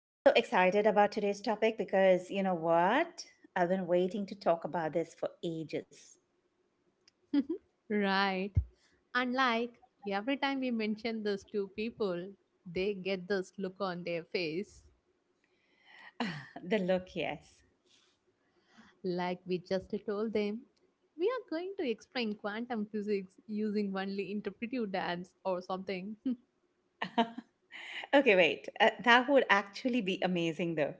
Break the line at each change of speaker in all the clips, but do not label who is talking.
I'm so excited about today's topic because you know what? I've been waiting to talk about this for ages.
Right. And every time we mention this to people, they get this look on their face.
The look, yes.
Like we just told them, we are going to explain quantum physics using only interpretive dance or something.
Okay, wait. That would actually be amazing though.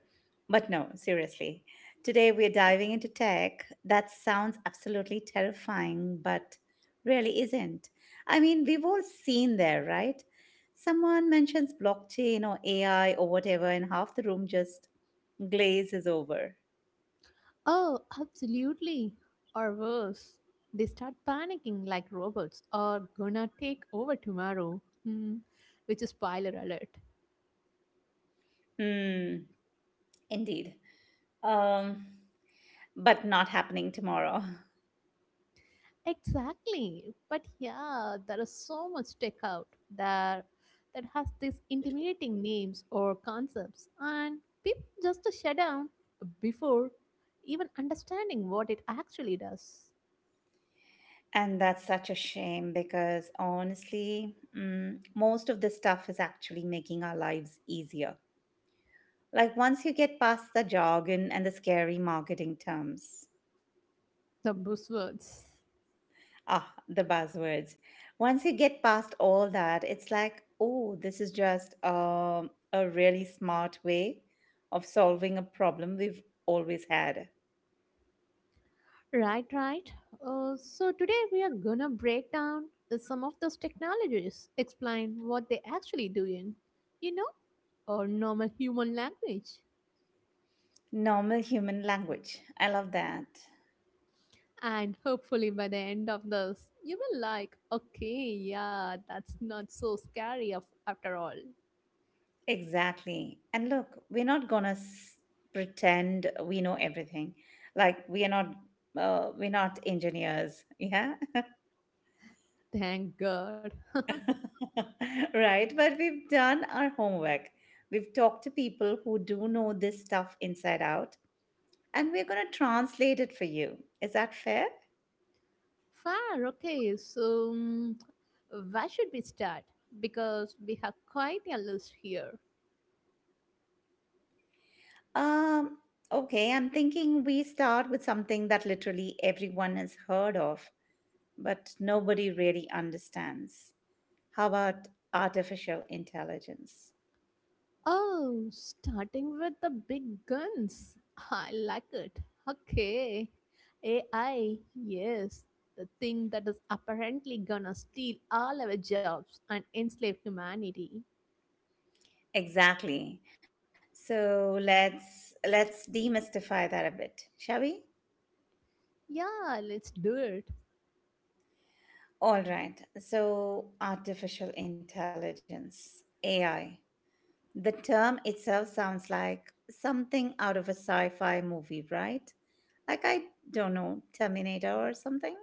But no, seriously. Today we're diving into tech that sounds absolutely terrifying, but really isn't. I mean, we've all seen there, right? Someone mentions blockchain or AI or whatever, and half the room just glaze is over.
Oh, absolutely. Or worse, they start panicking like robots are gonna take over tomorrow. Hmm. Which is spoiler alert.
Mm, indeed. Um, but not happening tomorrow.
Exactly. But yeah, there is so much tech out there that has these intimidating names or concepts, and people just shut down before even understanding what it actually does.
And that's such a shame because honestly, most of this stuff is actually making our lives easier. Like once you get past the jargon and the scary marketing terms,
The buzzwords.
the buzzwords. Once you get past all that, it's like, oh, this is just a really smart way of solving a problem we've always had.
Right, right. So today we are gonna break down some of those technologies, explain what they actually do you know, or normal human language.
Normal human language. I love that.
And hopefully, by the end of this, you will like, okay, yeah, that's not so scary after all.
Exactly. And look, we're not gonna s- pretend we know everything. Like we're not engineers. Yeah,
Thank God.
right. But we've done our homework. We've talked to people who do know this stuff inside out, and we're gonna translate it for you. Is that fair?
Fair, okay, so where should we start? Because we have quite a list here.
Um. Okay. I'm thinking we start with something that literally everyone has heard of, but nobody really understands. How about artificial intelligence?
Oh, starting with the big guns. I like it. Okay. AI, yes, the thing that is apparently gonna steal all our jobs and enslave humanity.
Exactly. So let's demystify that a bit, shall we?
Yeah, let's do it.
All right. So artificial intelligence, AI. The term itself sounds like something out of a sci-fi movie, right? Like I don't know, Terminator or something?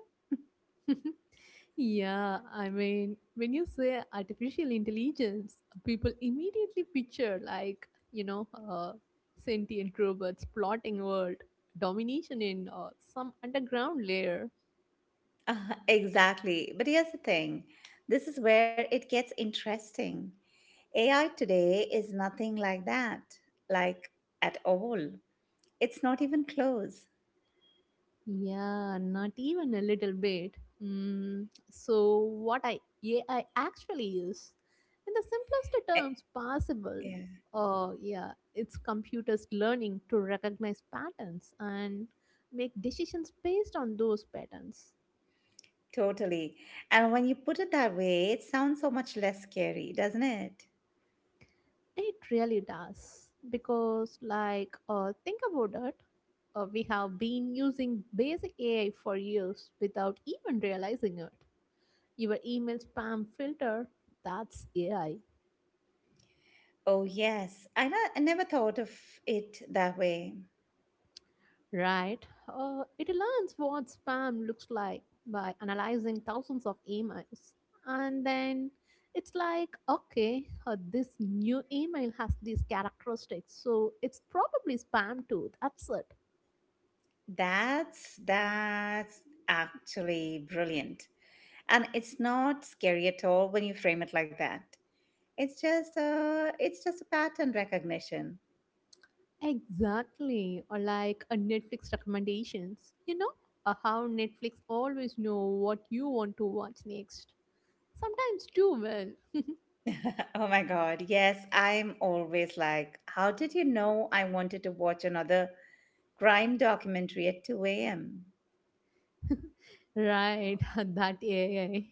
Yeah, I mean, when you say artificial intelligence, people immediately picture sentient robots plotting world domination in some underground layer.
Exactly. But here's the thing. This is where it gets interesting. AI today is nothing like that, like at all. It's not even close.
Yeah, not even a little bit. Mm, so, what I AI actually is, in the simplest
Eh,
terms possible,
Yeah,
yeah, it's computers learning to recognize patterns and make decisions based on those patterns.
totally. And when you put it that way, it sounds so much less scary, doesn't it?
It really does because, think about it. We have been using basic AI for years without even realizing it. Your email spam filter, that's AI.
Oh, yes. I never thought of it that way.
Right. It learns what spam looks like by analyzing thousands of emails. And then it's like, okay, this new email has these characteristics. So it's probably spam too. That's it.
That's actually brilliant. And it's not scary at all when you frame it like that. It's just a pattern recognition.
Exactly. Or like a Netflix recommendations. You know, how Netflix always know what you want to watch next. Sometimes too well.
Oh my God. Yes, I'm always like, how did you know I wanted to watch another crime documentary at 2 a.m.?
Right, that AI.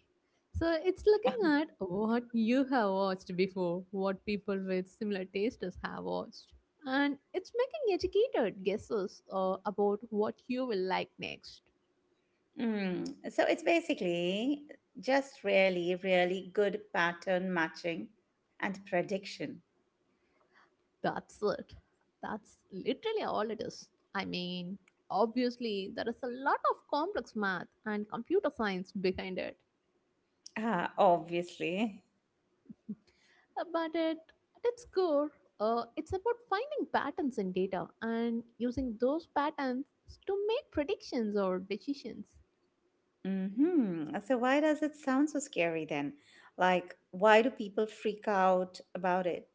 So it's looking at what you have watched before, what people with similar tastes have watched. And it's making educated guesses about what you will like next.
Mm. So it's basically just really, really good pattern matching and prediction.
That's it. That's literally all it is. I mean, obviously, there is a lot of complex math and computer science behind it.
Ah, obviously.
But at its core, it's about finding patterns in data and using those patterns to make predictions or decisions.
Mm-hmm. So why does it sound so scary then? Like, why do people freak out about it?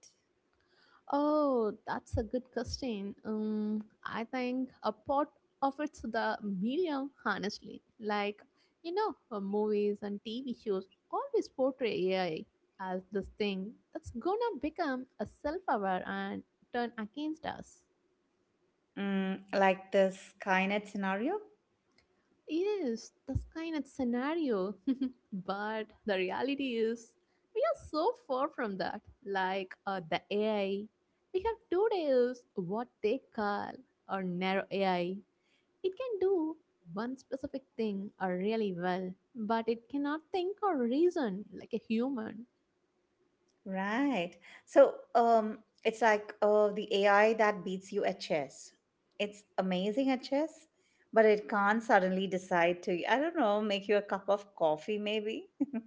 Oh, that's a good question. I think a part of it's the media, honestly. Movies and TV shows always portray AI as this thing that's gonna become a self aware and turn against us.
Mm, like the Skynet scenario?
Yes, that's kind of scenario. But the reality is, we are so far from that. The AI, we have today is what they call a narrow AI. It can do one specific thing really well, but it cannot think or reason like a human.
Right. So it's like the AI that beats you at chess. It's amazing at chess, but it can't suddenly decide to, I don't know, make you a cup of coffee maybe.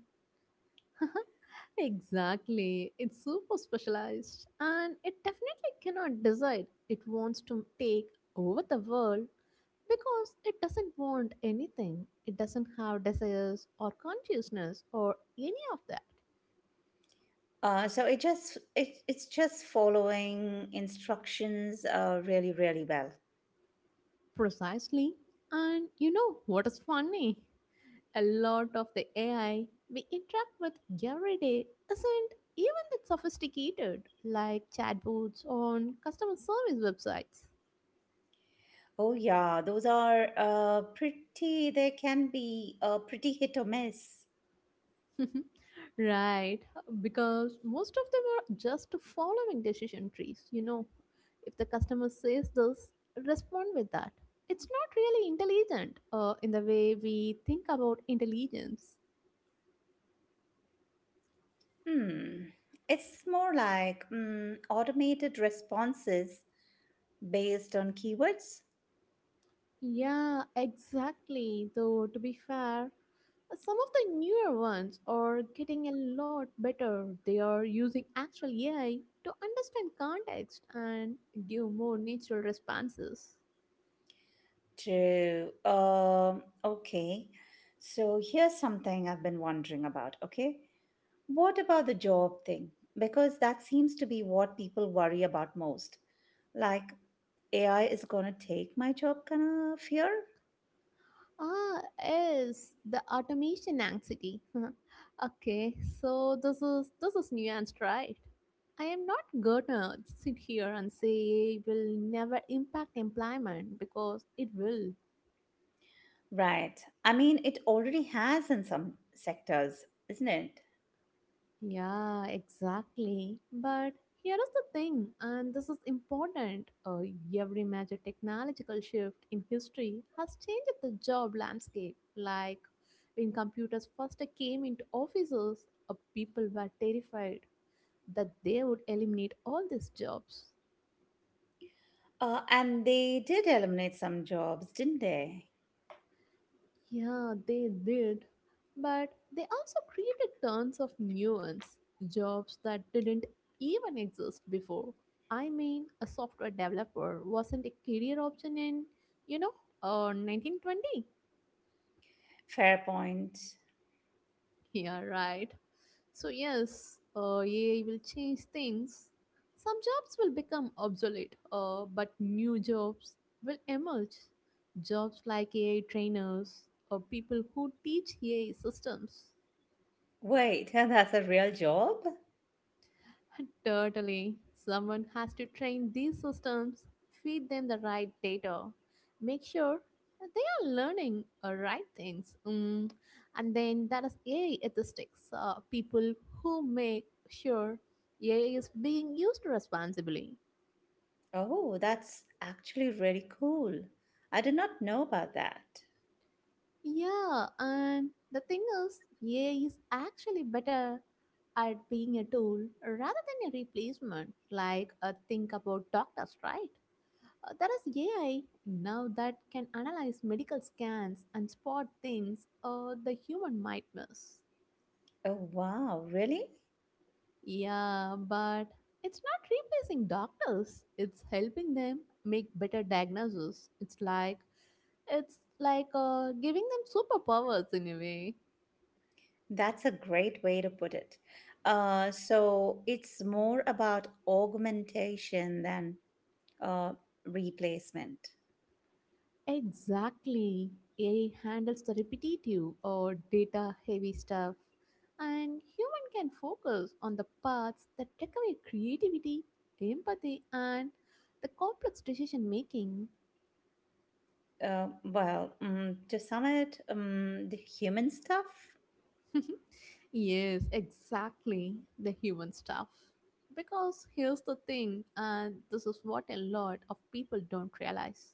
Exactly. It's super specialized and it definitely cannot decide it wants to take over the world because it doesn't want anything. It doesn't have desires or consciousness or any of that.
It's just following instructions really really well.
Precisely. And you know what is funny? A lot of the AI we interact with every day isn't even that sophisticated, like chatbots on customer service websites.
Oh yeah, those are pretty. They can be pretty hit or miss.
Right, because most of them are just following decision trees. You know, if the customer says this, respond with that. It's not really intelligent in the way we think about intelligence.
Hmm. It's more like automated responses based on keywords.
Yeah, exactly. Though, to be fair, some of the newer ones are getting a lot better. They are using actual AI to understand context and give more natural responses.
True. Okay. So here's something I've been wondering about. Okay. What about the job thing? Because that seems to be what people worry about most. Like, AI is gonna take my job kind of fear?
Ah, yes, the automation anxiety. Okay, so this is nuanced, right? I am not gonna sit here and say will never impact employment because it will.
Right. I mean, it already has in some sectors, isn't it?
Yeah, exactly. But here is the thing, and this is important. Every major technological shift in history has changed the job landscape. Like when computers first came into offices, people were terrified that they would eliminate all these jobs.
And they did eliminate some jobs, didn't they?
Yeah, they did. But they also created tons of new ones, jobs that didn't even exist before. I mean, a software developer wasn't a career option in, you know, 1920.
Fair point.
Yeah, right. So, yes, AI will change things. Some jobs will become obsolete, but new jobs will emerge. Jobs like AI trainers or people who teach AI systems.
Wait, that's a real job?
Totally. Someone has to train these systems, feed them the right data, make sure that they are learning the right things. Mm. And then that is AI ethics, people who make sure AI is being used responsibly.
Oh, that's actually really cool. I did not know about that.
Yeah, and the thing is, AI is actually better at being a tool rather than a replacement. Think about doctors, right? There is AI now that can analyze medical scans and spot things the human might miss.
Oh, wow, really?
Yeah, but it's not replacing doctors. It's helping them make better diagnoses. It's like giving them superpowers in a way.
That's a great way to put it. So it's more about augmentation than uh, replacement.
Exactly. AI handles the repetitive or data heavy stuff, and human can focus on the parts that require creativity, empathy, and the complex decision making.
To sum it, the human stuff.
Yes, exactly. The human stuff. Because here's the thing, and this is what a lot of people don't realize.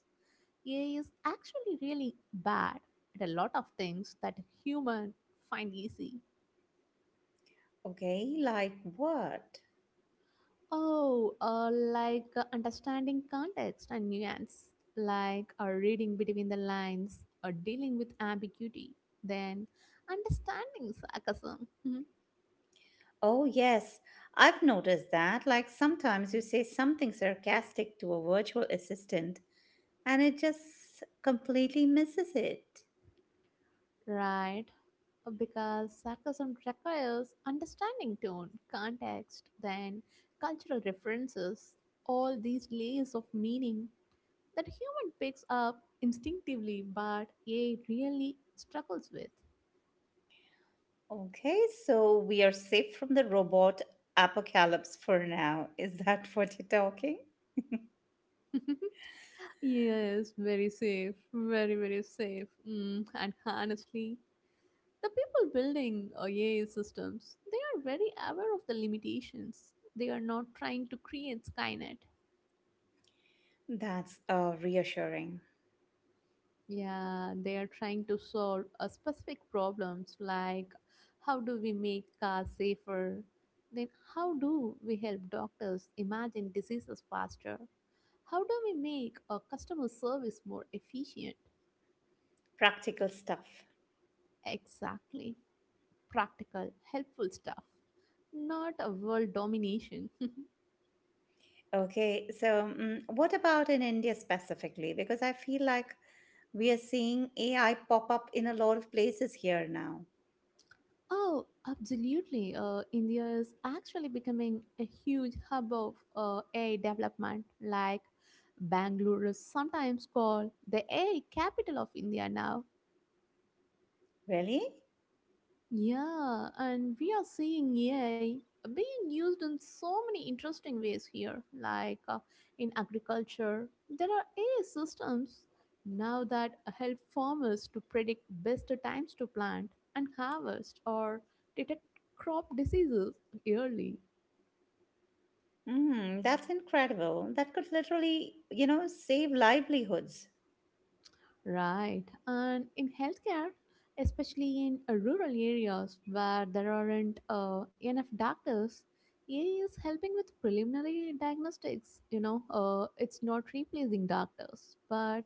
AI is actually really bad at a lot of things that human find easy.
Okay, like what?
Understanding context and nuance, like reading between the lines or dealing with ambiguity, then understanding sarcasm. Mhm.
Oh, yes, I've noticed that. Like sometimes you say something sarcastic to a virtual assistant and it just completely misses it.
Right? Because sarcasm requires understanding tone, context, then cultural references, all these layers of meaning that human picks up instinctively but AI really struggles with.
Okay, so we are safe from the robot apocalypse for now. Is that what you're talking?
Yes, very safe, very safe. Mm, and honestly, the people building AI systems, they are very aware of the limitations. They are not trying to create Skynet.
That's reassuring.
Yeah, they are trying to solve a specific problems like how do we make cars safer? Then how do we help doctors imagine diseases faster? How do we make our customer service more efficient?
Practical stuff.
Exactly. Practical, helpful stuff, not a world domination.
Okay, so what about in India specifically? Because I feel like we are seeing AI pop up in a lot of places here now.
Oh, absolutely. India is actually becoming a huge hub of AI development. Like Bangalore is sometimes called the AI capital of India now.
Really?
Yeah, and we are seeing AI being used in so many interesting ways here, like in agriculture. There are AI systems now that help farmers to predict best times to plant and harvest or detect crop diseases early.
Mm, that's incredible. That could literally, you know, save livelihoods.
Right. And in healthcare, especially in rural areas where there aren't enough doctors, AI is helping with preliminary diagnostics. You know, it's not replacing doctors, but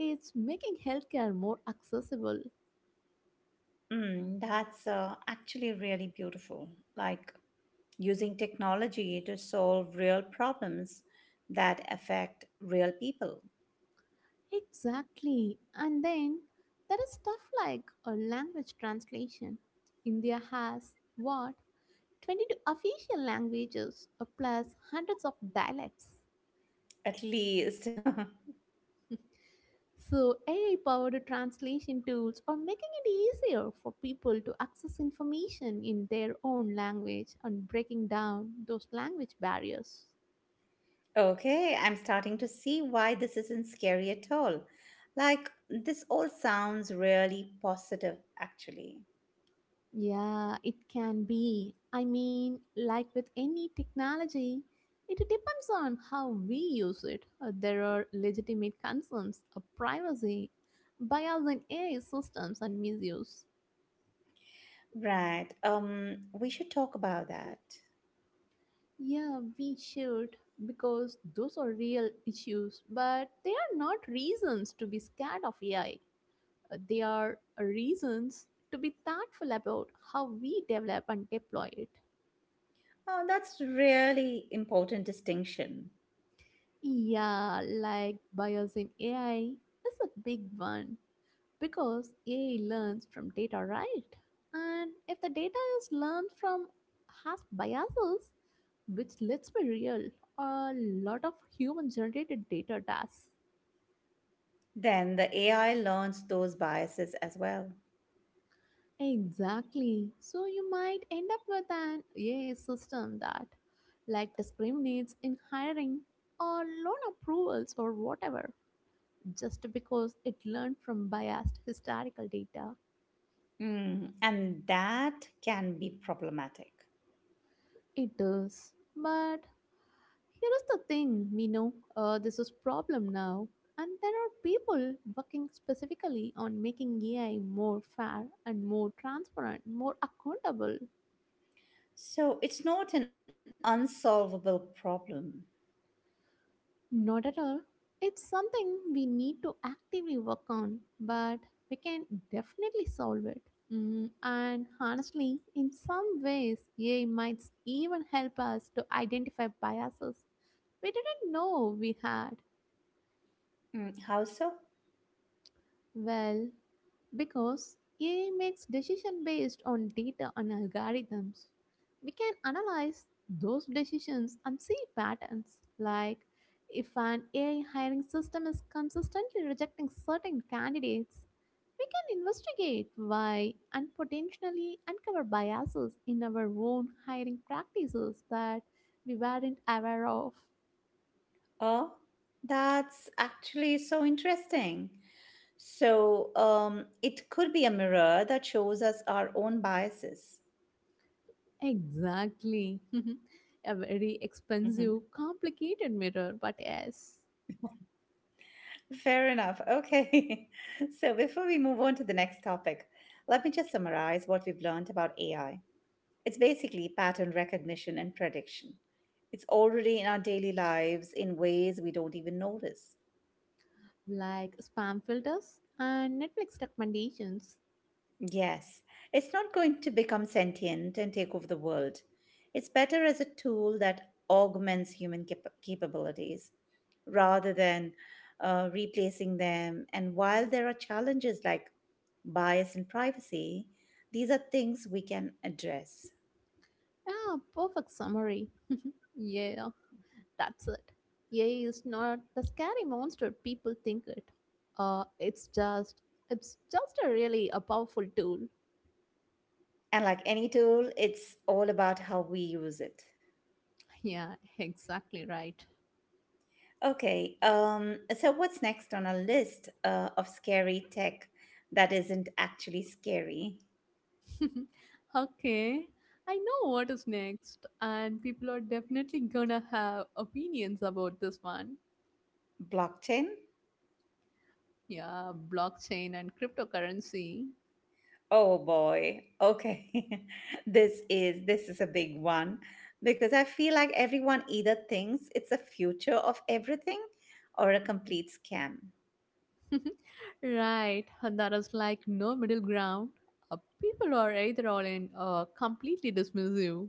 it's making healthcare more accessible.
Mm, that's actually really beautiful. Like using technology to solve real problems that affect real people,
Exactly. And then there is stuff like a language translation. India has what? 22 official languages plus hundreds of dialects.
at least.
So, AI powered translation tools are making it easier for people to access information in their own language and breaking down those language barriers.
Okay, I'm starting to see why this isn't scary at all. Like, this all sounds really positive, actually.
Yeah, it can be. I mean, like with any technology, it depends on how we use it. There are legitimate concerns of privacy, bias in AI systems, and misuse.
Right, we should talk about that.
Yeah, we should because those are real issues, but they are not reasons to be scared of AI. They are reasons to be thoughtful about how we develop and deploy it.
Oh, that's really important distinction.
Yeah, like bias in AI is a big one because AI learns from data, right? And if the data is learned from has biases, which let's be real, a lot of human generated data does.
Then the AI learns those biases as well.
Exactly. So you might end up with an AI system that like discriminates in hiring or loan approvals or whatever just because it learned from biased historical data.
Mm, and that can be problematic.
It does. But here is the thing, we know this is problem now and there are people working specifically on making AI more fair and more transparent, more accountable.
So it's not an unsolvable problem.
Not at all. It's something we need to actively work on, but we can definitely solve it. Mm, and honestly, in some ways, AI might even help us to identify biases we didn't know we had.
Mm, how so?
Well, because AI makes decision based on data and algorithms. We can analyze those decisions and see patterns like if an AI hiring system is consistently rejecting certain candidates, we can investigate why and potentially uncover biases in our own hiring practices that we weren't aware of.
Oh, that's actually so interesting. So, it could be a mirror that shows us our own biases.
Exactly. A very
Mhm.
expensive, complicated mirror, but yes,
Fair enough. Okay. So, before we move on to the next topic, let me just summarize what we've learned about AI. It's basically pattern recognition and prediction. It's already in our daily lives in ways we don't even notice.
like spam filters and Netflix recommendations.
Yes, it's not going to become sentient and take over the world. It's better as a tool that augments capabilities rather than replacing them. And while there are challenges like bias and privacy, these are things we can address.
Yeah, perfect summary. Yeah, that's it. AI is not the scary monster people think it. Uh, it's just it's just a really a powerful tool.
And like any tool, it's all about how we use it.
Yeah, exactly right.
Okay, so what's next on our list of scary tech that isn't actually scary?
Okay, I know what is next, and people are definitely gonna have opinions about this one.
Blockchain?
Yeah, blockchain and cryptocurrency.
Oh boy. Okay. This is a big one because I feel like everyone either thinks it's a future of everything or a complete scam.
Right, and there is like no middle ground. People are either all in or completely dismissive.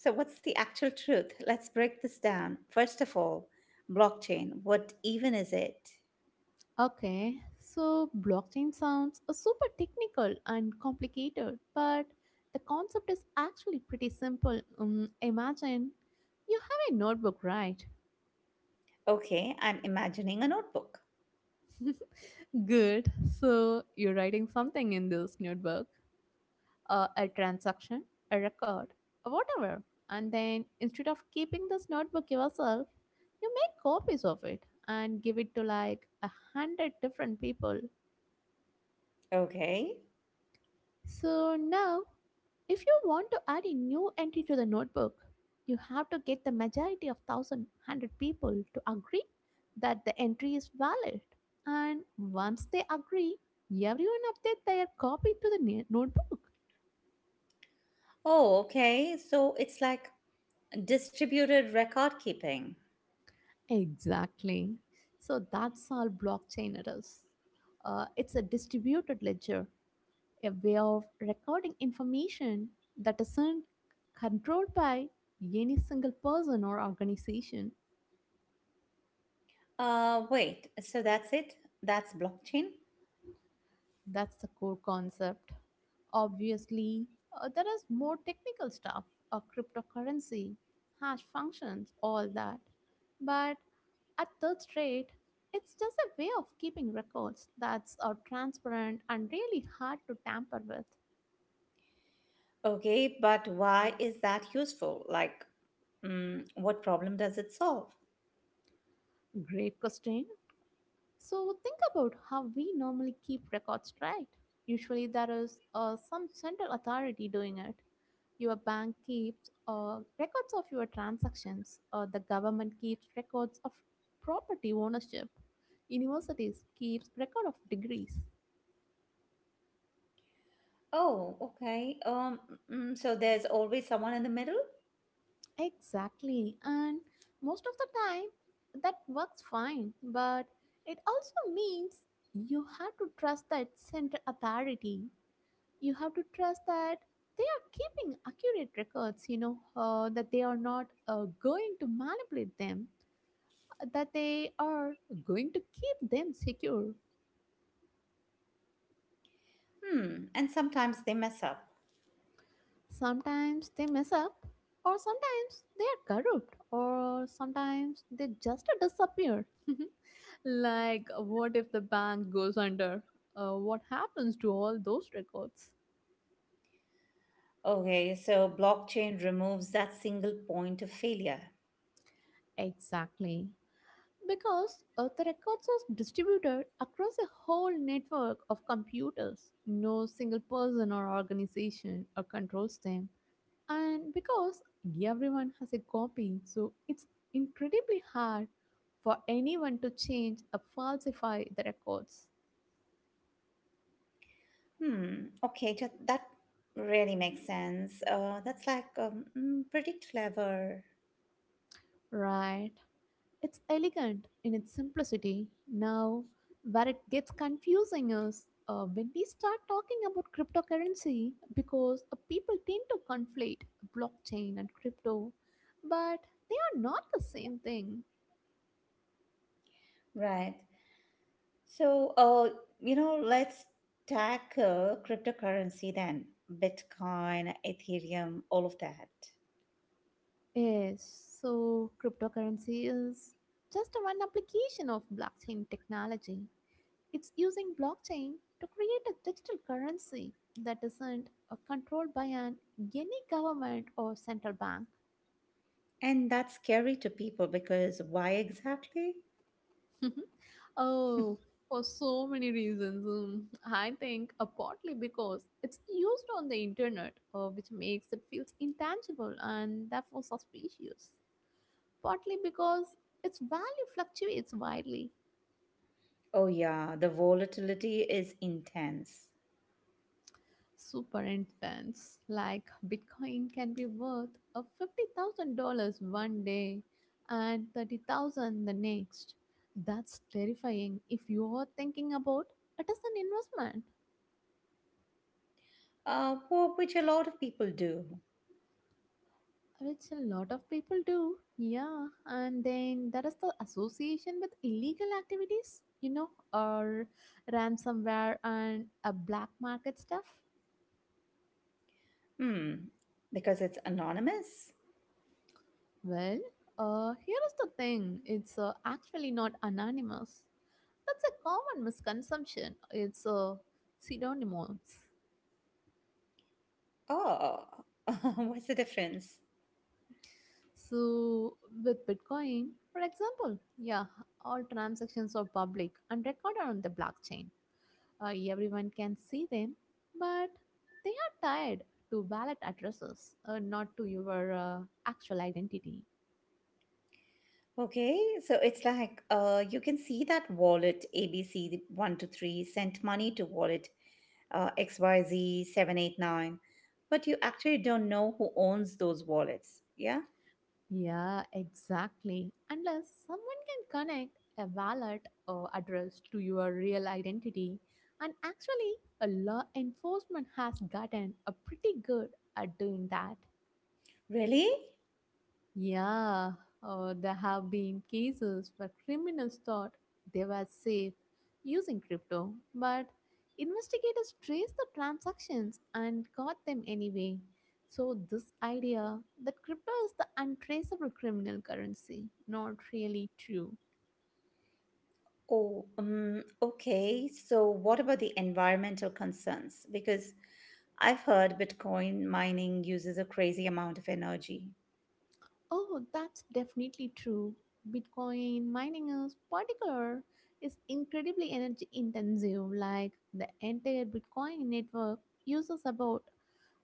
So what's the actual truth? Let's break this down. First of all, blockchain, what even is it?
Okay, so blockchain sounds super technical and complicated, but the concept is actually pretty simple. Imagine you have a notebook, right?
Okay, I'm imagining a notebook.
Good. So you're writing something in this notebook, a transaction, a record, or whatever. And then instead of keeping this notebook yourself, you make copies of it and give it to like 100 different people.
Okay.
So now, if you want to add a new entry to the notebook, you have to get the majority of 1,100 people to agree that the entry is valid. And once they agree, everyone update their copy to the notebook.
Oh, okay. So it's like distributed record keeping.
Exactly. So that's all blockchain it is. It's a distributed ledger, a way of recording information that isn't controlled by any single person or organization.
Wait, so that's it? That's blockchain?
That's the core concept. Obviously, there is more technical stuff, a cryptocurrency, hash functions, all that. But at third rate, it's just a way of keeping records that's transparent and really hard to tamper with.
Okay, but why is that useful? Like, what problem does it solve?
Great question. So think about how we normally keep records, right? Usually, there is some central authority doing it. Your bank keeps records of your transactions, the government keeps records of property ownership, universities keeps record of degrees.
Oh, okay. So there's always someone in the middle?
Exactly, and most of the time that works fine, but it also means you have to trust that central authority. You have to trust that they are keeping accurate records, you know, that they are not going to manipulate them. That they are going to keep them secure.
Hmm, and sometimes they mess up.
Sometimes they mess up, or sometimes they are corrupt, or sometimes they just disappear. Like, what if the bank goes under? What happens to all those records?
Okay, so blockchain removes that single point of failure.
Exactly. Because the records are distributed across a whole network of computers. No single person or organization controls them. And because everyone has a copy, so it's incredibly hard for anyone to change or falsify the records.
Okay, that really makes sense. That's pretty clever.
Right. It's elegant in its simplicity. Now, where it gets confusing is when we start talking about cryptocurrency because people tend to conflate blockchain and crypto, but they are not the same thing.
Right. So, let's tackle cryptocurrency then, Bitcoin, Ethereum, all of that.
Yes, so cryptocurrency is just one application of blockchain technology. It's using blockchain to create a digital currency that isn't controlled by an any government or central bank.
And that's scary to people because why exactly?
Oh, for so many reasons. I think partly because it's used on the internet, which makes it feels intangible and therefore suspicious. Partly because its value fluctuates widely
Oh, yeah, the volatility is intense,
super intense. Like Bitcoin can be worth a $50,000 one day and 30,000 the next. That's terrifying if you're thinking about it as an investment,
which a lot of people do.
which a lot of people do. Yeah, and then that is the association with illegal activities, you know, or ransomware and a black market stuff.
Hmm, because it's anonymous?
Well, here is the thing, it's actually not anonymous. That's a common misconception. It's a synonymous.
Oh, what's the difference?
So, with Bitcoin, for example, yeah, all transactions are public and recorded on the blockchain. Everyone can see them, but they are tied to wallet addresses, not to your actual identity.
Okay, so it's like you can see that wallet ABC123 sent money to wallet XYZ789, but you actually don't know who owns those wallets. Yeah?
Yeah, exactly. Unless someone can connect a wallet or address to your real identity. And actually, a law enforcement has gotten a pretty good at doing that.
Really?
Yeah, there have been cases where criminals thought they were safe using crypto, but investigators traced the transactions and caught them anyway. So, this idea that crypto is the untraceable criminal currency, not really true.
Oh, okay. So, what about the environmental concerns? Because I've heard Bitcoin mining uses a crazy amount of energy.
Oh, that's definitely true. Bitcoin mining is particular is incredibly energy intensive, like the entire bitcoin network uses about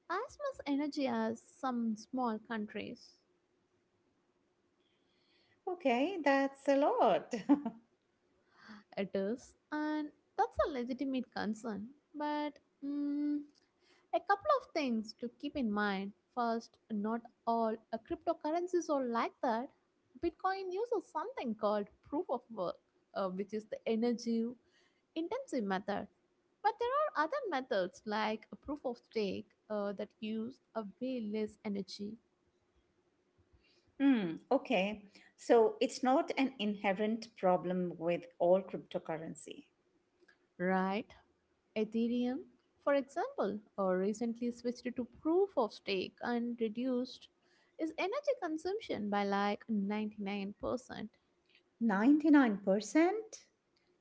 as much energy as some small countries.
Okay, that's a lot.
It is, and that's a legitimate concern. But mm, a couple of things to keep in mind. First, not all cryptocurrencies are like that. Bitcoin uses something called proof of work, which is the energy intensive method. But there are other methods like a proof of stake that use a way less energy,
Hmm, okay. So, it's not an inherent problem with all cryptocurrency.
right? Ethereum, for example, recently switched to proof of stake and reduced its energy consumption by like 99%.
99%?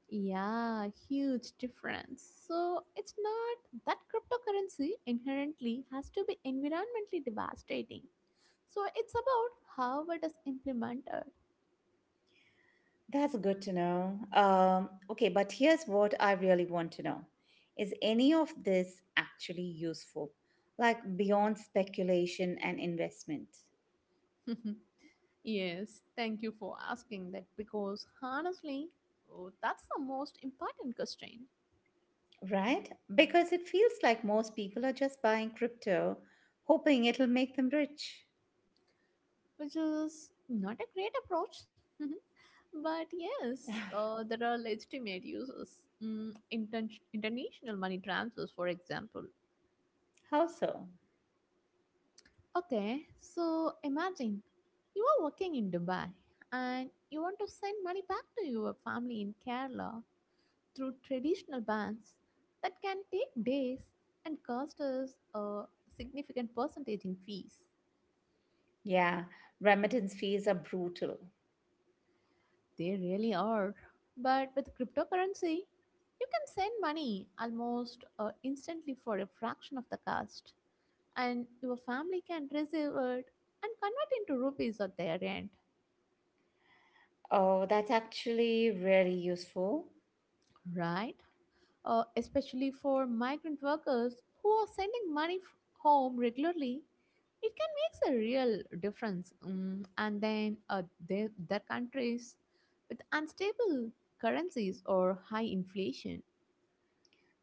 Yeah, huge difference. So it's not that cryptocurrency inherently has to be environmentally devastating. So it's about how it is implemented.
That's good to know. Okay, but here's what I really want to know. Is any of this actually useful? Like beyond speculation and investment,
Yes, thank you for asking that because honestly, oh, that's the most important constraint,
right? Because it feels like most people are just buying crypto, hoping it'll make them rich.
which is not a great approach. But yes, there are legitimate uses. International money transfers, for example.
How so?
Okay, so imagine you are working in Dubai and you want to send money back to your family in Kerala through traditional banks that can take days and cost us a significant percentage in fees.
Yeah, remittance fees are brutal.
They really are. But with cryptocurrency, you can send money almost instantly for a fraction of the cost, and your family can receive it and convert into rupees at their end,
Oh, that's actually really useful.
right? Especially for migrant workers who are sending money home regularly, it can make a real difference. And then their countries with unstable currencies or high inflation.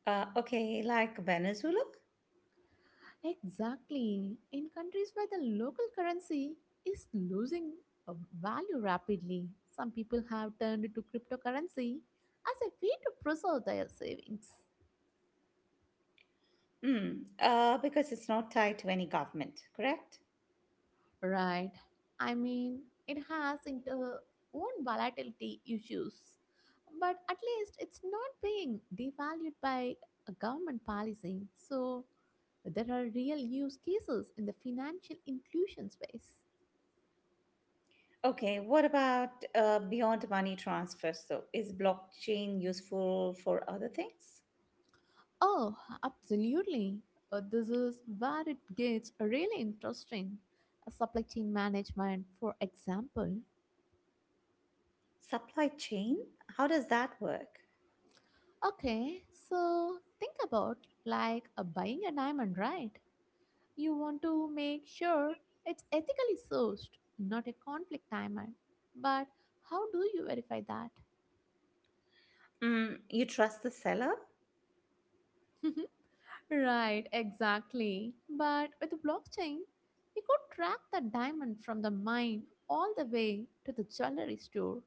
Okay, like Venezuela?
Exactly. In countries where the local currency is losing uh, value rapidly, some people have turned to cryptocurrency as a way to preserve their savings.
Because it's not tied to any government, correct?
Right. I mean, it has its own volatility issues, but at least it's not being devalued by a government policy. So there are real use cases in the financial inclusion space.
Okay, what about beyond money transfers though? Is blockchain useful for other things?
Oh, absolutely. This is where it gets really interesting. Supply chain management, for example.
Supply chain? How does that work?
Okay, so think about like buying a diamond, right? You want to make sure it's ethically sourced, not a conflict timer. But how do you verify that?
Mm, you trust the seller?
Right, exactly. But with blockchain, you could track the diamond from the mine all the way to the jewelry store.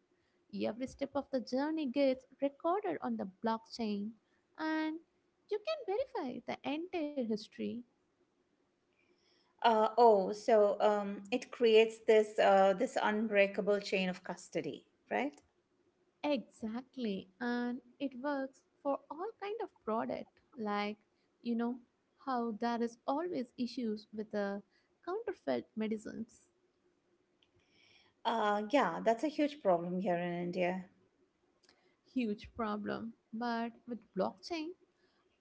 Every step of the journey gets recorded on the blockchain, and you can verify the entire history.
Oh, so it creates this unbreakable chain of custody, right?
Exactly, and it works for all kind of product. Like, you know how there is always issues with the counterfeit medicines,
Yeah, that's a huge problem here in India.
huge problem. But with blockchain,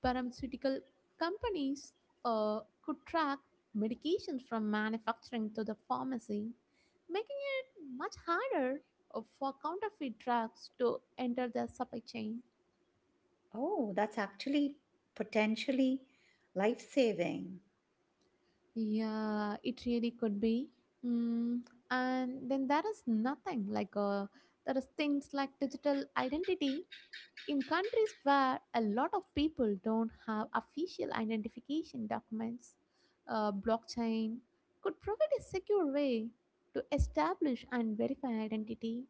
pharmaceutical companies could track medications from manufacturing to the pharmacy, making it much harder for counterfeit drugs to enter the supply chain.
Oh, that's actually potentially life saving.
Yeah, it really could be. Mm, and then there is nothing like there is things like digital identity in countries where a lot of people don't have official identification documents. Blockchain could provide a secure way to establish and verify identity.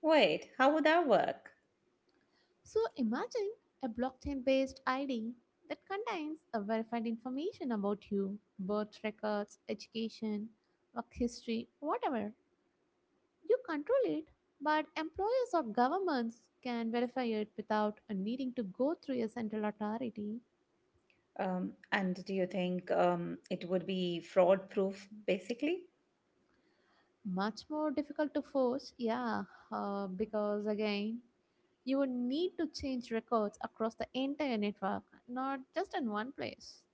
Wait, how would that work?
So imagine a blockchain based ID that contains a verified information about you, birth records, education, work history, whatever. You control it, but employers or governments can verify it without needing to go through a central authority.
And do you think it would be fraud proof basically?
Much more difficult to force, yeah, because again, you would need to change records across the entire network, not just in one place.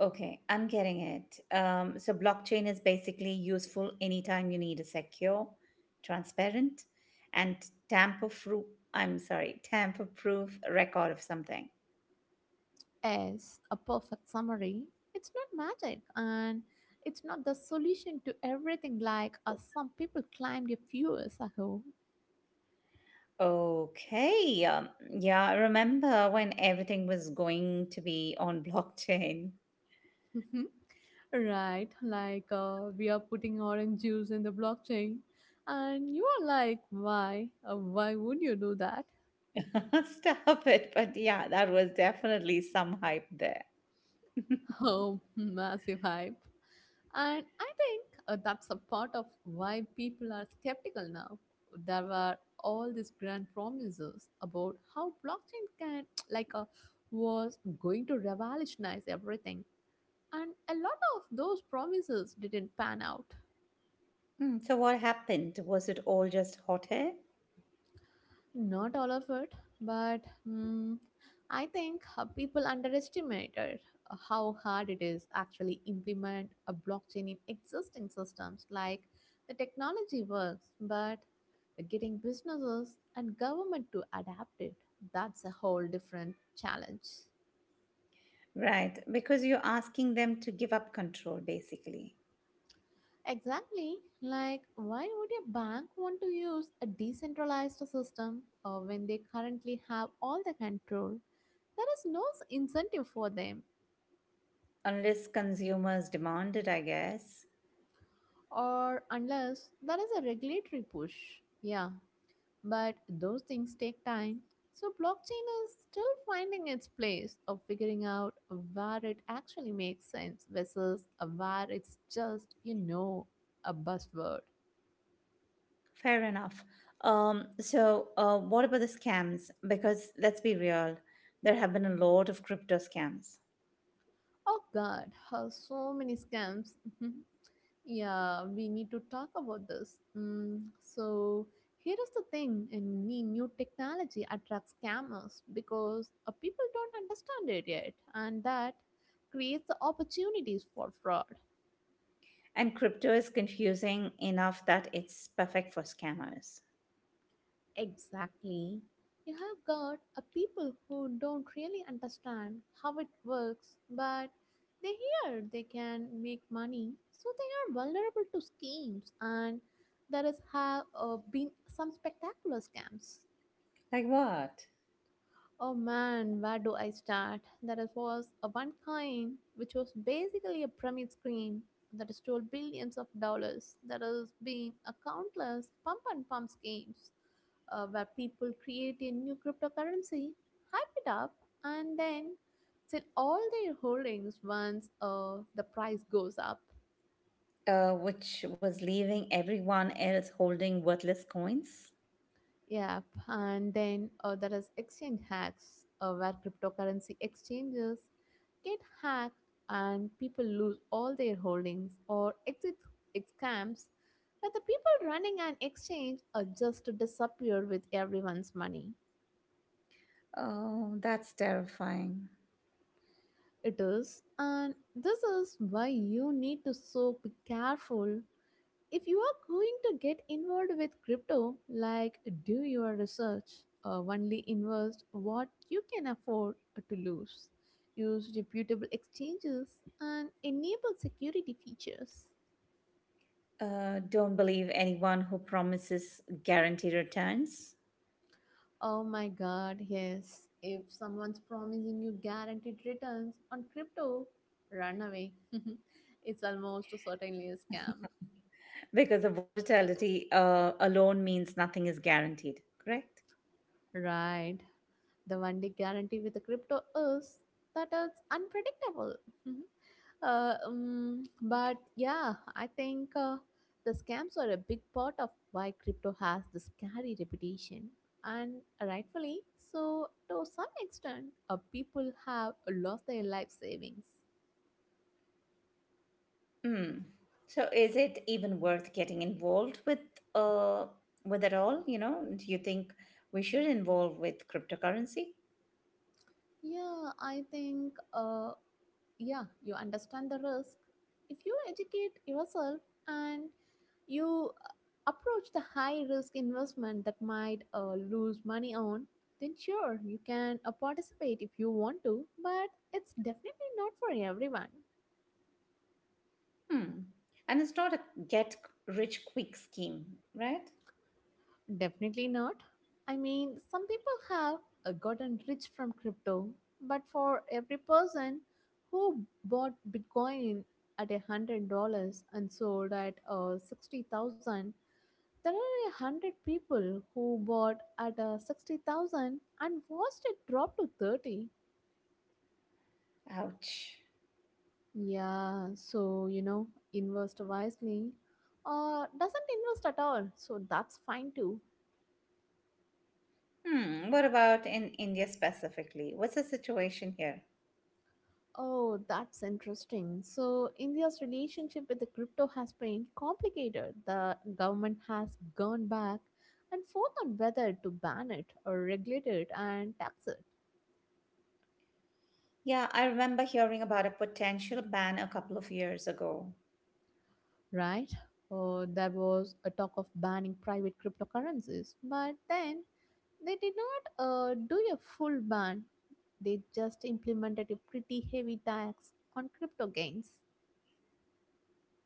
Okay, I'm getting it. So, blockchain is basically useful anytime you need a secure, transparent, and tamper proof. I'm sorry, tamper proof record of something.
As a perfect summary, it's not magic and it's not the solution to everything like some people claimed a few years ago.
Okay, yeah, I remember when everything was going to be on blockchain.
Right, like we are putting orange juice in the blockchain. And you are like, why? Why would you do that?
Stop it, but yeah, that was definitely some hype there.
Oh, massive hype. And I think that's a part of why people are skeptical now. There were all these grand promises about how blockchain can, like, was going to revolutionize everything. And a lot of those promises didn't pan out.
Hmm, so what happened? Was it all just hot air?
Not all of it, but mm, I think people underestimated how hard it is actually implement a blockchain in existing systems. Like the technology works, but the getting businesses and government to adapt it, that's a whole different challenge.
Right, because you're asking them to give up control basically.
Exactly, like why would a bank want to use a decentralized system when they currently have all the control? There is no incentive for them
Unless consumers demand it, I guess.
or unless there is a regulatory push. Yeah, but those things take time. So blockchain is still finding its place of figuring out where it actually makes sense versus where it's just, you know, a buzzword.
Fair enough. So, what about the scams? Because let's be real, there have been a lot of crypto scams.
Oh god, how so many scams. Yeah, we need to talk about this. So here is the thing: any new technology attracts scammers because people don't understand it yet, and that creates the opportunities for fraud.
And crypto is confusing enough that it's perfect for scammers.
Exactly. You have got a people who don't really understand how it works, but they hear they can make money, so they are vulnerable to schemes, and there has have been some spectacular scams.
Like what?
Oh man, where do I start? Was a one kind, which was basically a pyramid scheme that stole billions of dollars. There has been a countless pump and pump schemes where people create a new cryptocurrency, hype it up, and then sell all their holdings once the price goes up.
Which was leaving everyone else holding worthless coins.
Yep, and then there is exchange hacks where cryptocurrency exchanges get hacked and people lose all their holdings or exit scams where the people running an exchange are just to disappear with everyone's money.
Oh, that's terrifying.
It is, and this is why you need to so be careful if you are going to get involved with crypto, like do your research, only invest what you can afford to lose, use reputable exchanges, and enable security features.
Don't believe anyone who promises guaranteed returns
Oh my god, yes. If someone's promising you guaranteed returns on crypto, run away. It's almost certainly a scam.
because the volatility alone means nothing is guaranteed, correct?
Right. The one day guarantee with the crypto is that it's unpredictable. Mhm. But yeah, I think the scams are a big part of why crypto has this scary reputation. And rightfully so, to some extent, people have lost their life savings.
Mm. So is it even worth getting involved with uh with at all? You know, do you think we should involve with cryptocurrency?
Yeah, I think. Yeah, you understand the risk if you educate yourself and you approach the high risk investment that might lose money on, then sure, you can participate if you want to, but it's definitely not for everyone.
Hmm. And it's not a get rich quick scheme, right?
Definitely not. I mean, some people have gotten rich from crypto, but for every person who bought bitcoin at $100 and sold at 60,000, there are 100 people who bought at 60,000 and watched it drop to 30.
Ouch.
Yeah, so invest wisely, or doesn't invest at all. So that's fine too.
Hmm. What about in India specifically? What's the situation here?
Oh, that's interesting. So India's relationship with the crypto has been complicated. The government has gone back and forth on whether to ban it or regulate it and tax it.
Yeah, I remember hearing about a potential ban a couple of years ago.
Right? There was a talk of banning private cryptocurrencies, but then they did not do a full ban. They just implemented a pretty heavy tax on crypto gains.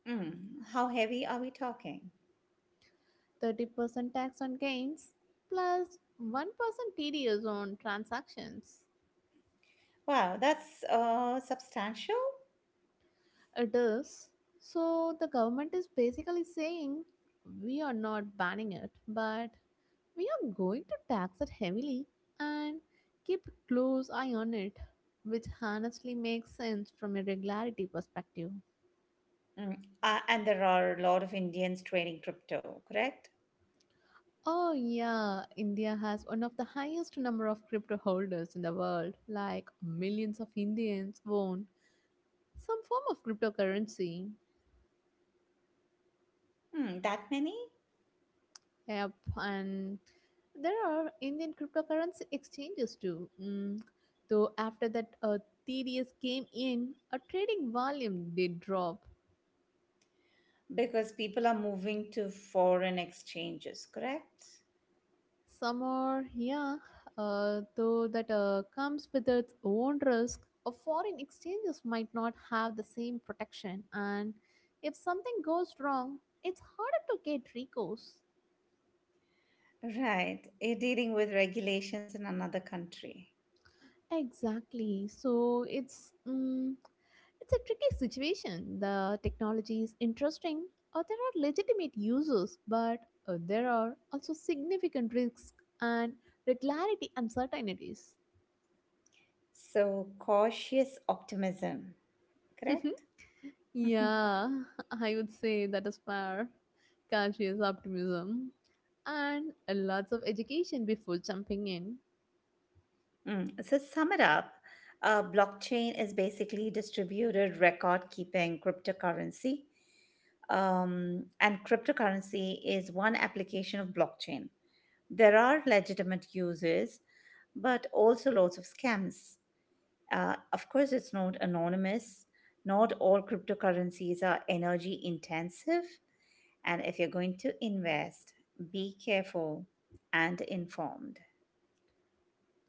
Hmm. How heavy are we talking?
30% tax on gains, 1% TDS on transactions.
Wow, that's substantial.
It is. So the government is basically saying we are not banning it, but we are going to tax it heavily and keep a close eye on it, which honestly makes sense from a regularity perspective.
Mm. And there are a lot of Indians trading crypto, correct?
Oh, yeah, India has one of the highest number of crypto holders in the world, like millions of Indians own some form of cryptocurrency.
Hmm, that many?
Yep, and there are Indian cryptocurrency exchanges too. Mm. Though after that tedious came in, a trading volume did drop.
Because people are moving to foreign exchanges, correct?
Some are, yeah, though that comes with its own risk. Foreign exchanges might not have the same protection, and if something goes wrong, it's harder to get recourse.
Right. You're dealing with regulations in another country.
Exactly. So it's a tricky situation. The technology is interesting, or there are legitimate uses, but there are also significant risks and regularity uncertainties.
So cautious optimism, correct? Mhm.
Yeah, I would say that is fair. Conscious optimism and lots of education before jumping in.
Mm. So sum it up, blockchain is basically distributed record keeping cryptocurrency. And cryptocurrency is one application of blockchain. There are legitimate uses, but also lots of scams. Of course, it's not anonymous. Not all cryptocurrencies are energy intensive. And if you're going to invest, be careful and informed.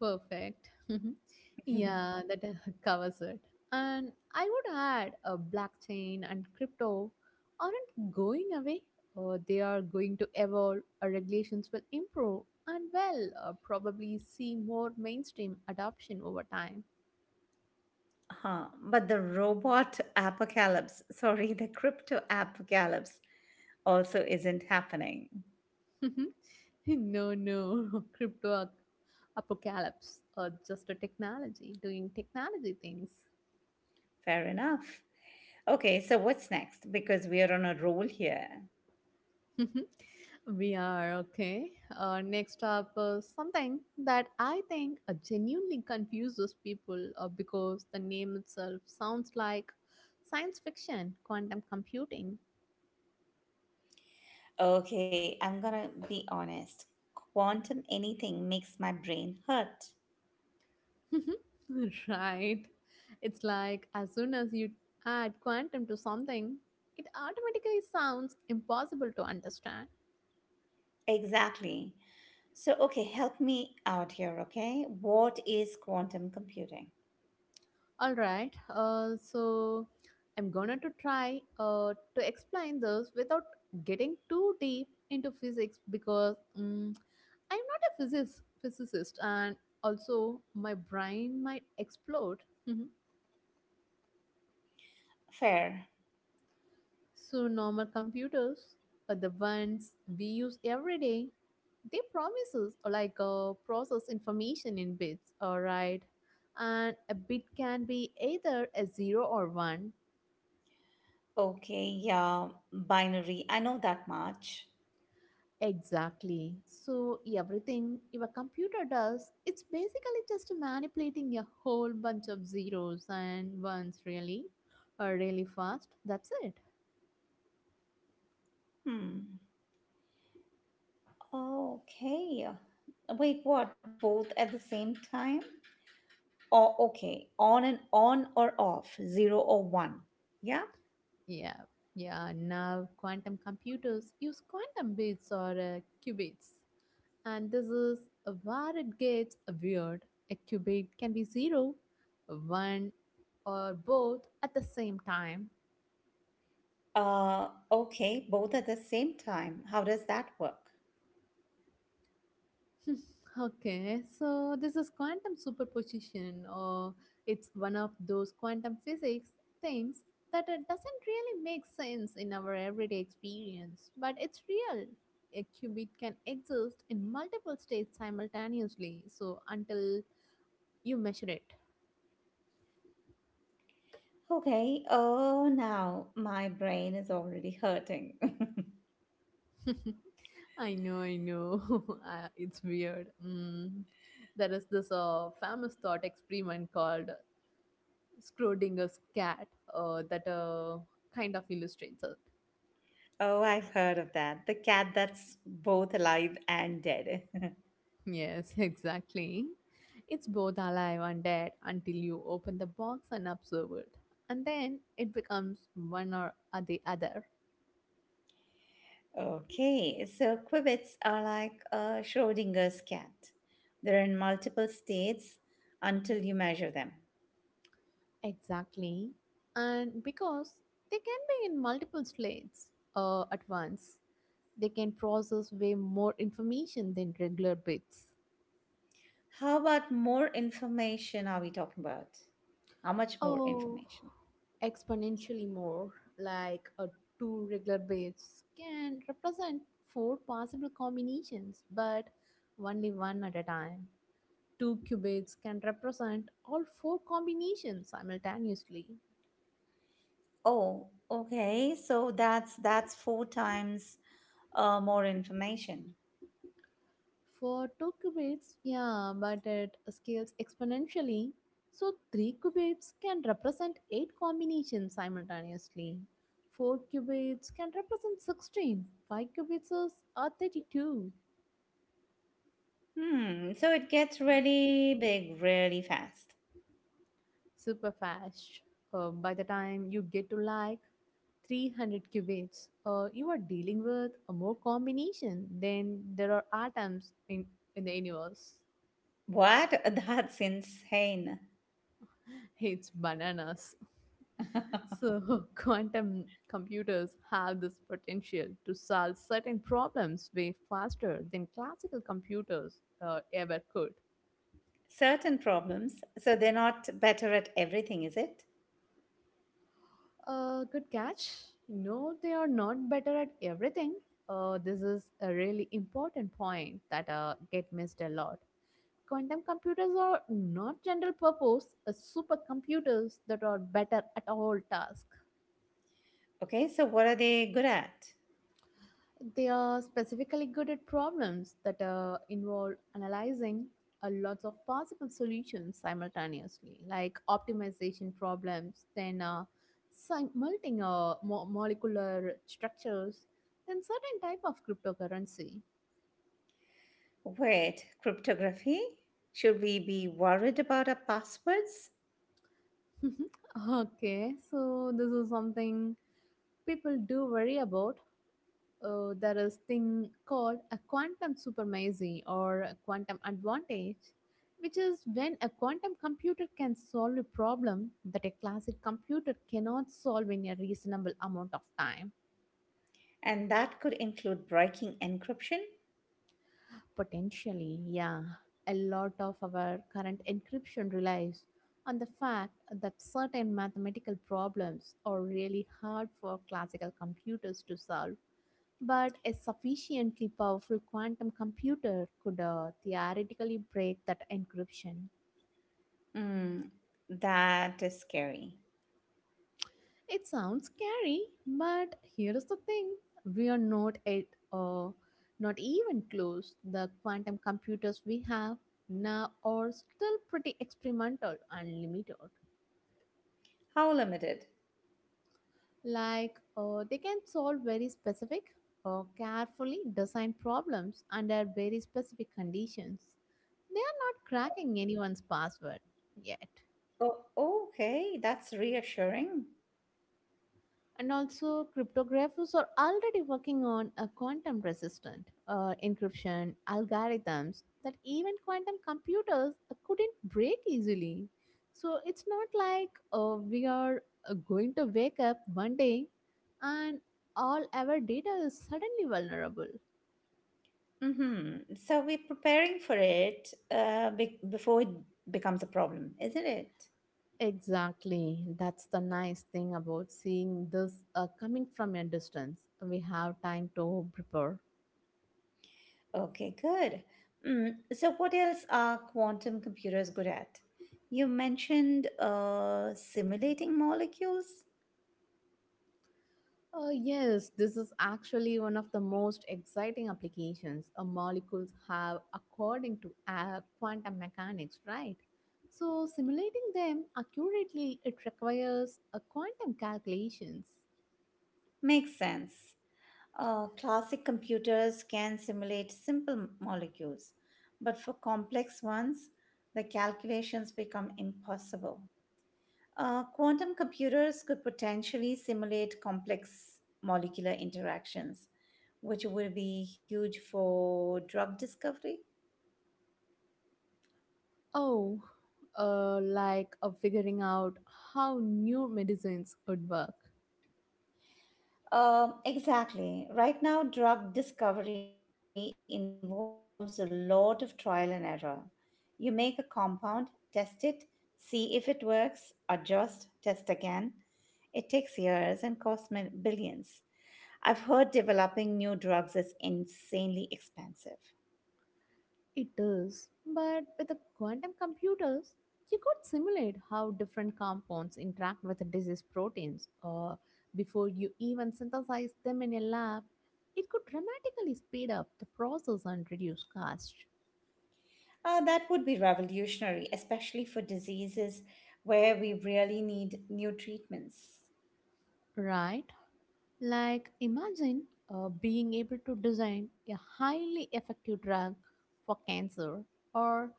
Perfect. Yeah, that covers it. And I would add a blockchain and crypto aren't going away. They are going to evolve. Our regulations will improve and probably see more mainstream adoption over time.
Huh. But the robot apocalypse, sorry, the crypto apocalypse also isn't happening.
No, no, crypto apocalypse or just a technology doing technology things.
Fair enough. Okay, so what's next? Because we are on a roll here.
We are okay. Next up, something that I think genuinely confuses people because the name itself sounds like science fiction, quantum computing.
Okay, I'm gonna be honest. Quantum anything makes my brain hurt.
Right. It's like as soon as you add quantum to something, it automatically sounds impossible to understand.
Exactly. So, okay, help me out here, okay? What is quantum computing?
All right. So I'm gonna to try to explain this without getting too deep into physics because I'm not a physicist, and also my brain might explode. Mhm.
Fair.
So normal computers, the ones we use every day, they promise us like process information in bits. All right, and a bit can be either a zero or one.
Okay, yeah, binary. I know that much.
Exactly. So everything your computer does, it's basically just manipulating a whole bunch of zeros and ones really, or really fast. That's it.
Hmm. Okay. Wait, what? Both at the same time? Oh, okay. On and on or off? Zero or one? Yeah?
Yeah. Yeah. Now quantum computers use quantum bits, or qubits, and this is where it gets weird. A qubit can be zero, one, or both at the same time.
Okay, both at the same time. How does that work?
Okay, so this is quantum superposition, or it's one of those quantum physics things that it doesn't really make sense in our everyday experience, but it's real. A qubit can exist in multiple states simultaneously, so until you measure it.
Okay. Oh, now my brain is already hurting.
I know, I know. It's weird. Mm. There is this famous thought experiment called Schrodinger's cat that kind of illustrates it.
Oh, I've heard of that. The cat that's both alive and dead.
Yes, exactly. It's both alive and dead until you open the box and observe it. And then it becomes one or the other.
Okay. So quibbits are like a Schrodinger's cat. They're in multiple states until you measure them.
Exactly. And because they can be in multiple states at once, they can process way more information than regular bits.
How about more information are we talking about? How much more
Oh,
information?
exponentially more, like a two regular waves can represent four possible combinations, but only one at a time. Two qubits can represent all four combinations simultaneously.
Oh, okay. So that's four times more information.
For two qubits, yeah, but it scales exponentially. So three qubits can represent eight combinations simultaneously. 4 qubits can represent 16. 5 qubits are 32.
Hmm, so it gets really big really fast.
Super fast. By the time you get to like 300 qubits, you are dealing with a more combination than there are atoms in the universe.
What? That's insane.
It's bananas. So, quantum computers have this potential to solve certain problems way faster than classical computers ever could.
Certain problems, so they're not better at everything, is it?
Good catch. No, they are not better at everything. This is a really important point that get missed a lot. Quantum computers are not general purpose supercomputers that are better at all tasks.
Okay, so what are they good at?
They are specifically good at problems that involve analyzing a lots of possible solutions simultaneously, like optimization problems, then multing molecular structures, then certain type of cryptocurrency.
Wait, cryptography? Should we be worried about our passwords?
Okay, so this is something people do worry about. There is thing called a quantum supremacy or a quantum advantage, which is when a quantum computer can solve a problem that a classic computer cannot solve in a reasonable amount of time.
And that could include breaking encryption?
Potentially, yeah. A lot of our current encryption relies on the fact that certain mathematical problems are really hard for classical computers to solve. But a sufficiently powerful quantum computer could theoretically break that encryption.
Hmm, that is scary.
It sounds scary, but here is the thing: we are not at uh, not even close. The quantum computers we have now are still pretty experimental and limited.
How limited?
Like they can solve very specific, carefully designed problems under very specific conditions. They are not cracking anyone's password yet.
Oh, okay, that's reassuring.
And also cryptographers are already working on a quantum resistant encryption algorithms that even quantum computers couldn't break easily, so it's not like we are going to wake up one day and all our data is suddenly vulnerable.
Mm-hmm. So we're preparing for it before it becomes a problem, isn't it?
Exactly. That's the nice thing about seeing this coming from a distance. We have time to prepare.
Okay, good. Mm. So, what else are quantum computers good at? You mentioned simulating molecules.
Yes, this is actually one of the most exciting applications. Molecules have according to quantum mechanics, right? So, simulating them accurately, it requires a quantum calculations.
Makes sense. Classic computers can simulate simple molecules, but for complex ones, the calculations become impossible. Quantum computers could potentially simulate complex molecular interactions, which will be huge for drug discovery.
Oh, like figuring out how new medicines would work.
Exactly. Right now, drug discovery involves a lot of trial and error. You make a compound, test it, see if it works, adjust, test again. It takes years and costs billions. I've heard developing new drugs is insanely expensive.
It is, but with the quantum computers, you could simulate how different compounds interact with the disease proteins, or before you even synthesize them in a lab, it could dramatically speed up the process and reduce cost.
That would be revolutionary, especially for diseases where we really need new treatments.
Right? Like, imagine being able to design a highly effective drug for cancer or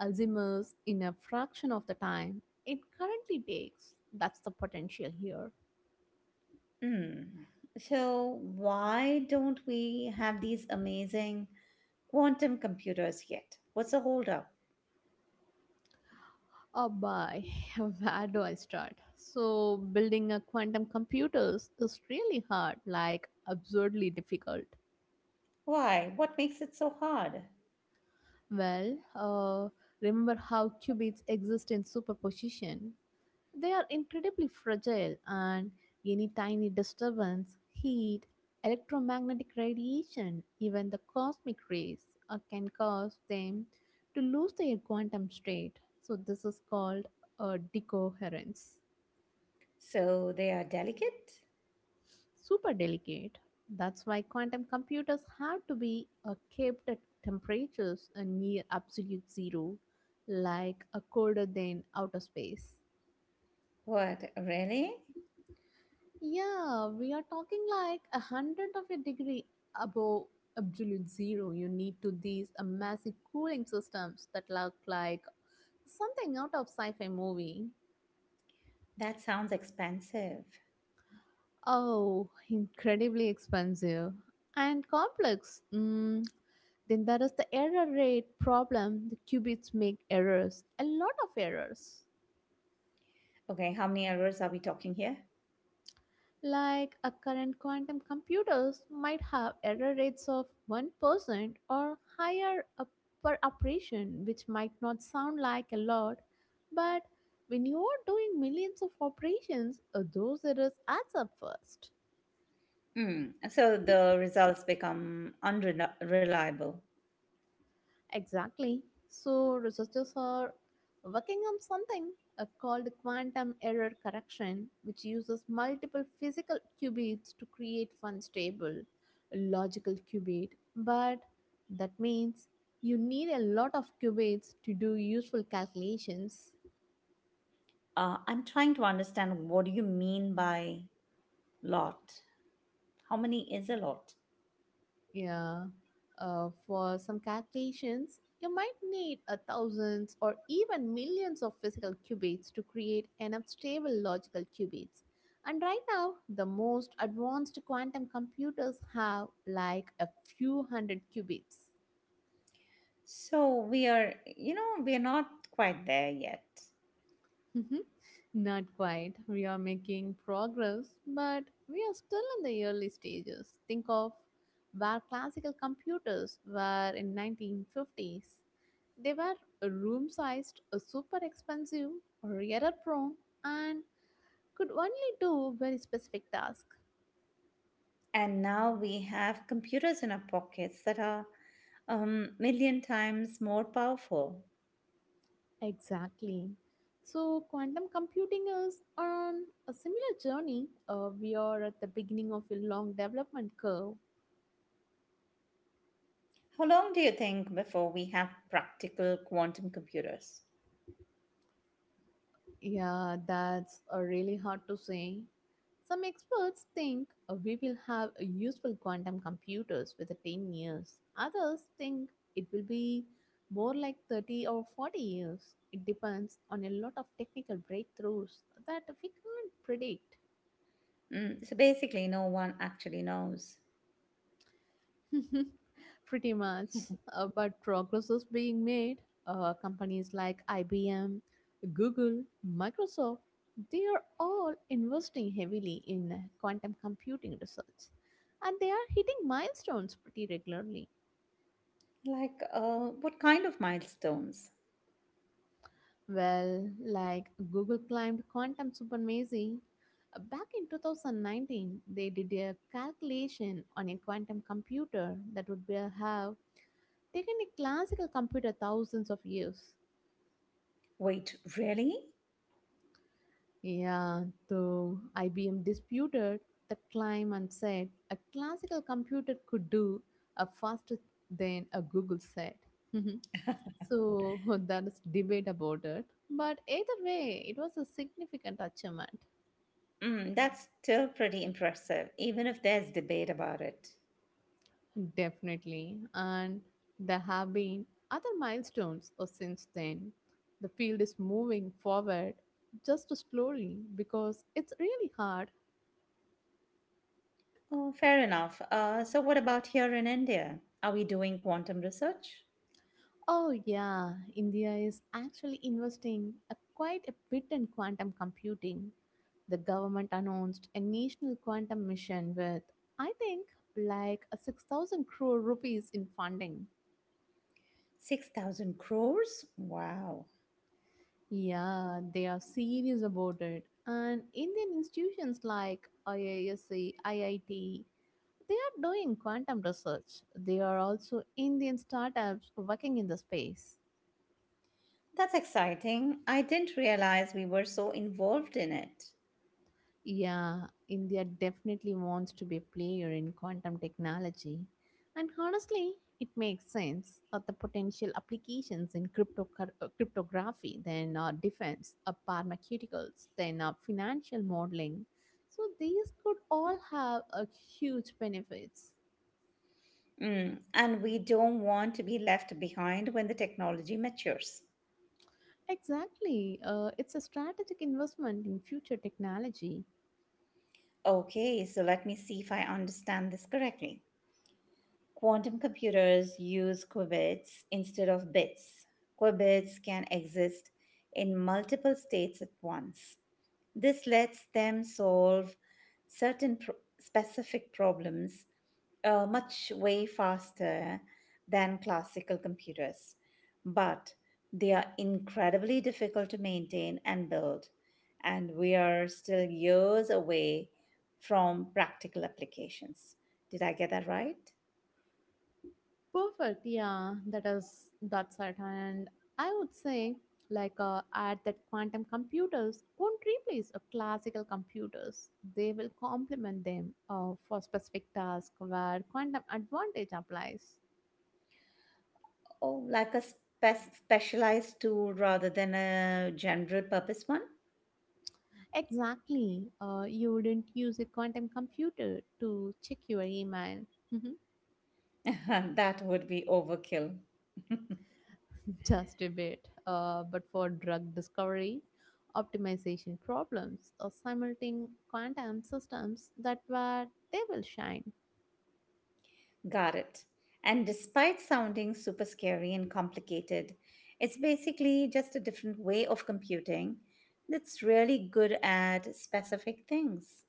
Alzheimer's in a fraction of the time it currently takes. That's the potential here.
Hmm. So, why don't we have these amazing quantum computers yet? What's the holdup?
Oh boy, where do I start? So, building a quantum computers is really hard, like absurdly difficult.
Why? What makes it so hard?
Well, remember how qubits exist in superposition? They are incredibly fragile, and any tiny disturbance, heat, electromagnetic radiation, even the cosmic rays, can cause them to lose their quantum state. So, this is called decoherence.
So, they are delicate?
Super delicate. That's why quantum computers have to be kept at temperatures near absolute zero, like a colder than outer space.
What, really?
Yeah, we are talking like a hundredth of a degree above absolute zero. You need to these massive cooling systems that look like something out of sci-fi movie.
That sounds expensive.
Oh, incredibly expensive and complex. Then that is the error rate problem. The qubits make errors, a lot of errors.
Okay, how many errors are we talking here?
Like a current quantum computers might have error rates of 1% or higher per operation, which might not sound like a lot, but when you are doing millions of operations, those errors adds up first.
Hmm. So, the results become unreliable.
Exactly. So, researchers are working on something called quantum error correction, which uses multiple physical qubits to create one stable logical qubit. But that means you need a lot of qubits to do useful calculations.
I'm trying to understand what do you mean by lot? How many is a lot?
Yeah. For some calculations, you might need a thousands or even millions of physical qubits to create enough stable logical qubits. And right now, the most advanced quantum computers have like a few hundred qubits.
So we are, we are not quite there yet.
Not quite. We are making progress, but we are still in the early stages. Think of where classical computers were in 1950s. They were room sized, super expensive, error prone, and could only do very specific tasks.
And now we have computers in our pockets that are million times more powerful.
Exactly. So, quantum computing is on a similar journey. We are at the beginning of a long development curve.
How long do you think before we have practical quantum computers?
Yeah, that's really hard to say. Some experts think we will have useful quantum computers within 10 years. Others think it will be more like 30 or 40 years. It depends on a lot of technical breakthroughs that we can't predict.
Mm, so basically, no one actually knows.
Pretty much. But progress is being made. Companies like IBM, Google, Microsoft, they are all investing heavily in quantum computing research. And they are hitting milestones pretty regularly.
Like, what kind of milestones?
Well, like Google climbed quantum supremacy. Back in 2019, they did a calculation on a quantum computer that would have taken a classical computer thousands of years.
Wait, really?
Yeah, though IBM disputed the claim and said a classical computer could do a faster than a Google said. So that is debate about it. But either way, it was a significant achievement.
Mm, that's still pretty impressive, even if there's debate about it.
Definitely. And there have been other milestones since then. The field is moving forward just slowly because it's really hard.
Oh, fair enough. So, what about here in India? Are we doing quantum research?
Oh, yeah, India is actually investing quite a bit in quantum computing. The government announced a national quantum mission with, I think, like a 6,000 crore rupees in funding.
6,000 crores? Wow.
Yeah, they are serious about it. And Indian institutions like IISc, IIT, they are doing quantum research. There are also Indian startups working in the space.
That's exciting. I didn't realize we were so involved in it.
Yeah, India definitely wants to be a player in quantum technology. And honestly, it makes sense of the potential applications in cryptography, then defense, pharmaceuticals, then financial modeling. So these could all have a huge benefits.
Mm, and we don't want to be left behind when the technology matures.
Exactly. It's a strategic investment in future technology.
Okay, so let me see if I understand this correctly. Quantum computers use qubits instead of bits. Qubits can exist in multiple states at once. This lets them solve certain pro- specific problems much way faster than classical computers, but they are incredibly difficult to maintain and build, and we are still years away from practical applications. Did I get that right?
Perfect. Yeah, that's it. And I would say, like, add that quantum computers won't replace a classical computers. They will complement them for specific tasks where quantum advantage applies.
Oh, like a specialized tool rather than a general purpose one?
Exactly. You wouldn't use a quantum computer to check your email.
That would be overkill.
Just a bit. But for drug discovery, optimization problems, or simultaneous quantum systems, that where they will shine.
Got it. And despite sounding super scary and complicated, it's basically just a different way of computing that's really good at specific things.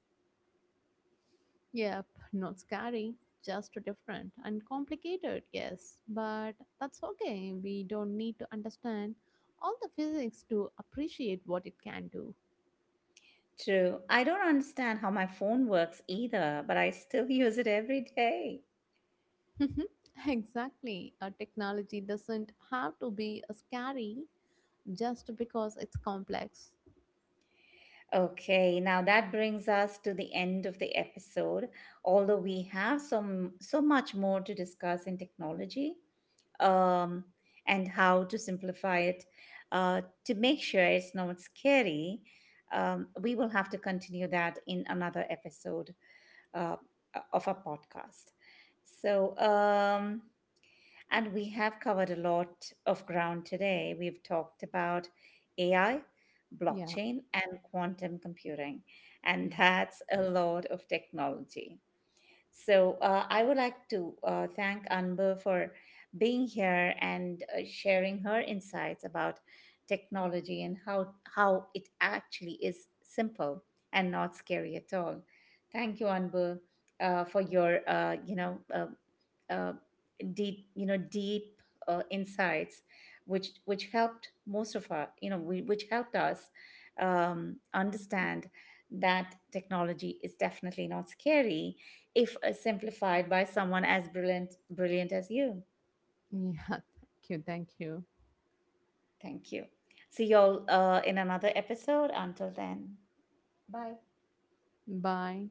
Yep, not scary, just different and complicated, yes. But that's okay. We don't need to understand all the physics to appreciate what it can do.
True. I don't understand how my phone works either, but I still use it every day.
Exactly. A technology doesn't have to be a scary just because it's complex.
Okay, now that brings us to the end of the episode. Although we have some so much more to discuss in technology, um, and how to simplify it, to make sure it's not scary, we will have to continue that in another episode uh, of our podcast. So. And we have covered a lot of ground today. We've talked about AI,
Yeah.
blockchain, and quantum computing.
Yeah.
And that's a lot of technology. So I would like to thank Anbu for being here and sharing her insights about technology and how it actually is simple and not scary at all. Thank you, Anbu, for your uh, deep deep insights which helped most of our which helped us understand that technology is definitely not scary if simplified by someone as brilliant as you.
Yeah, thank you. Thank you.
Thank you. See y'all in another episode. Until then, bye.
Bye.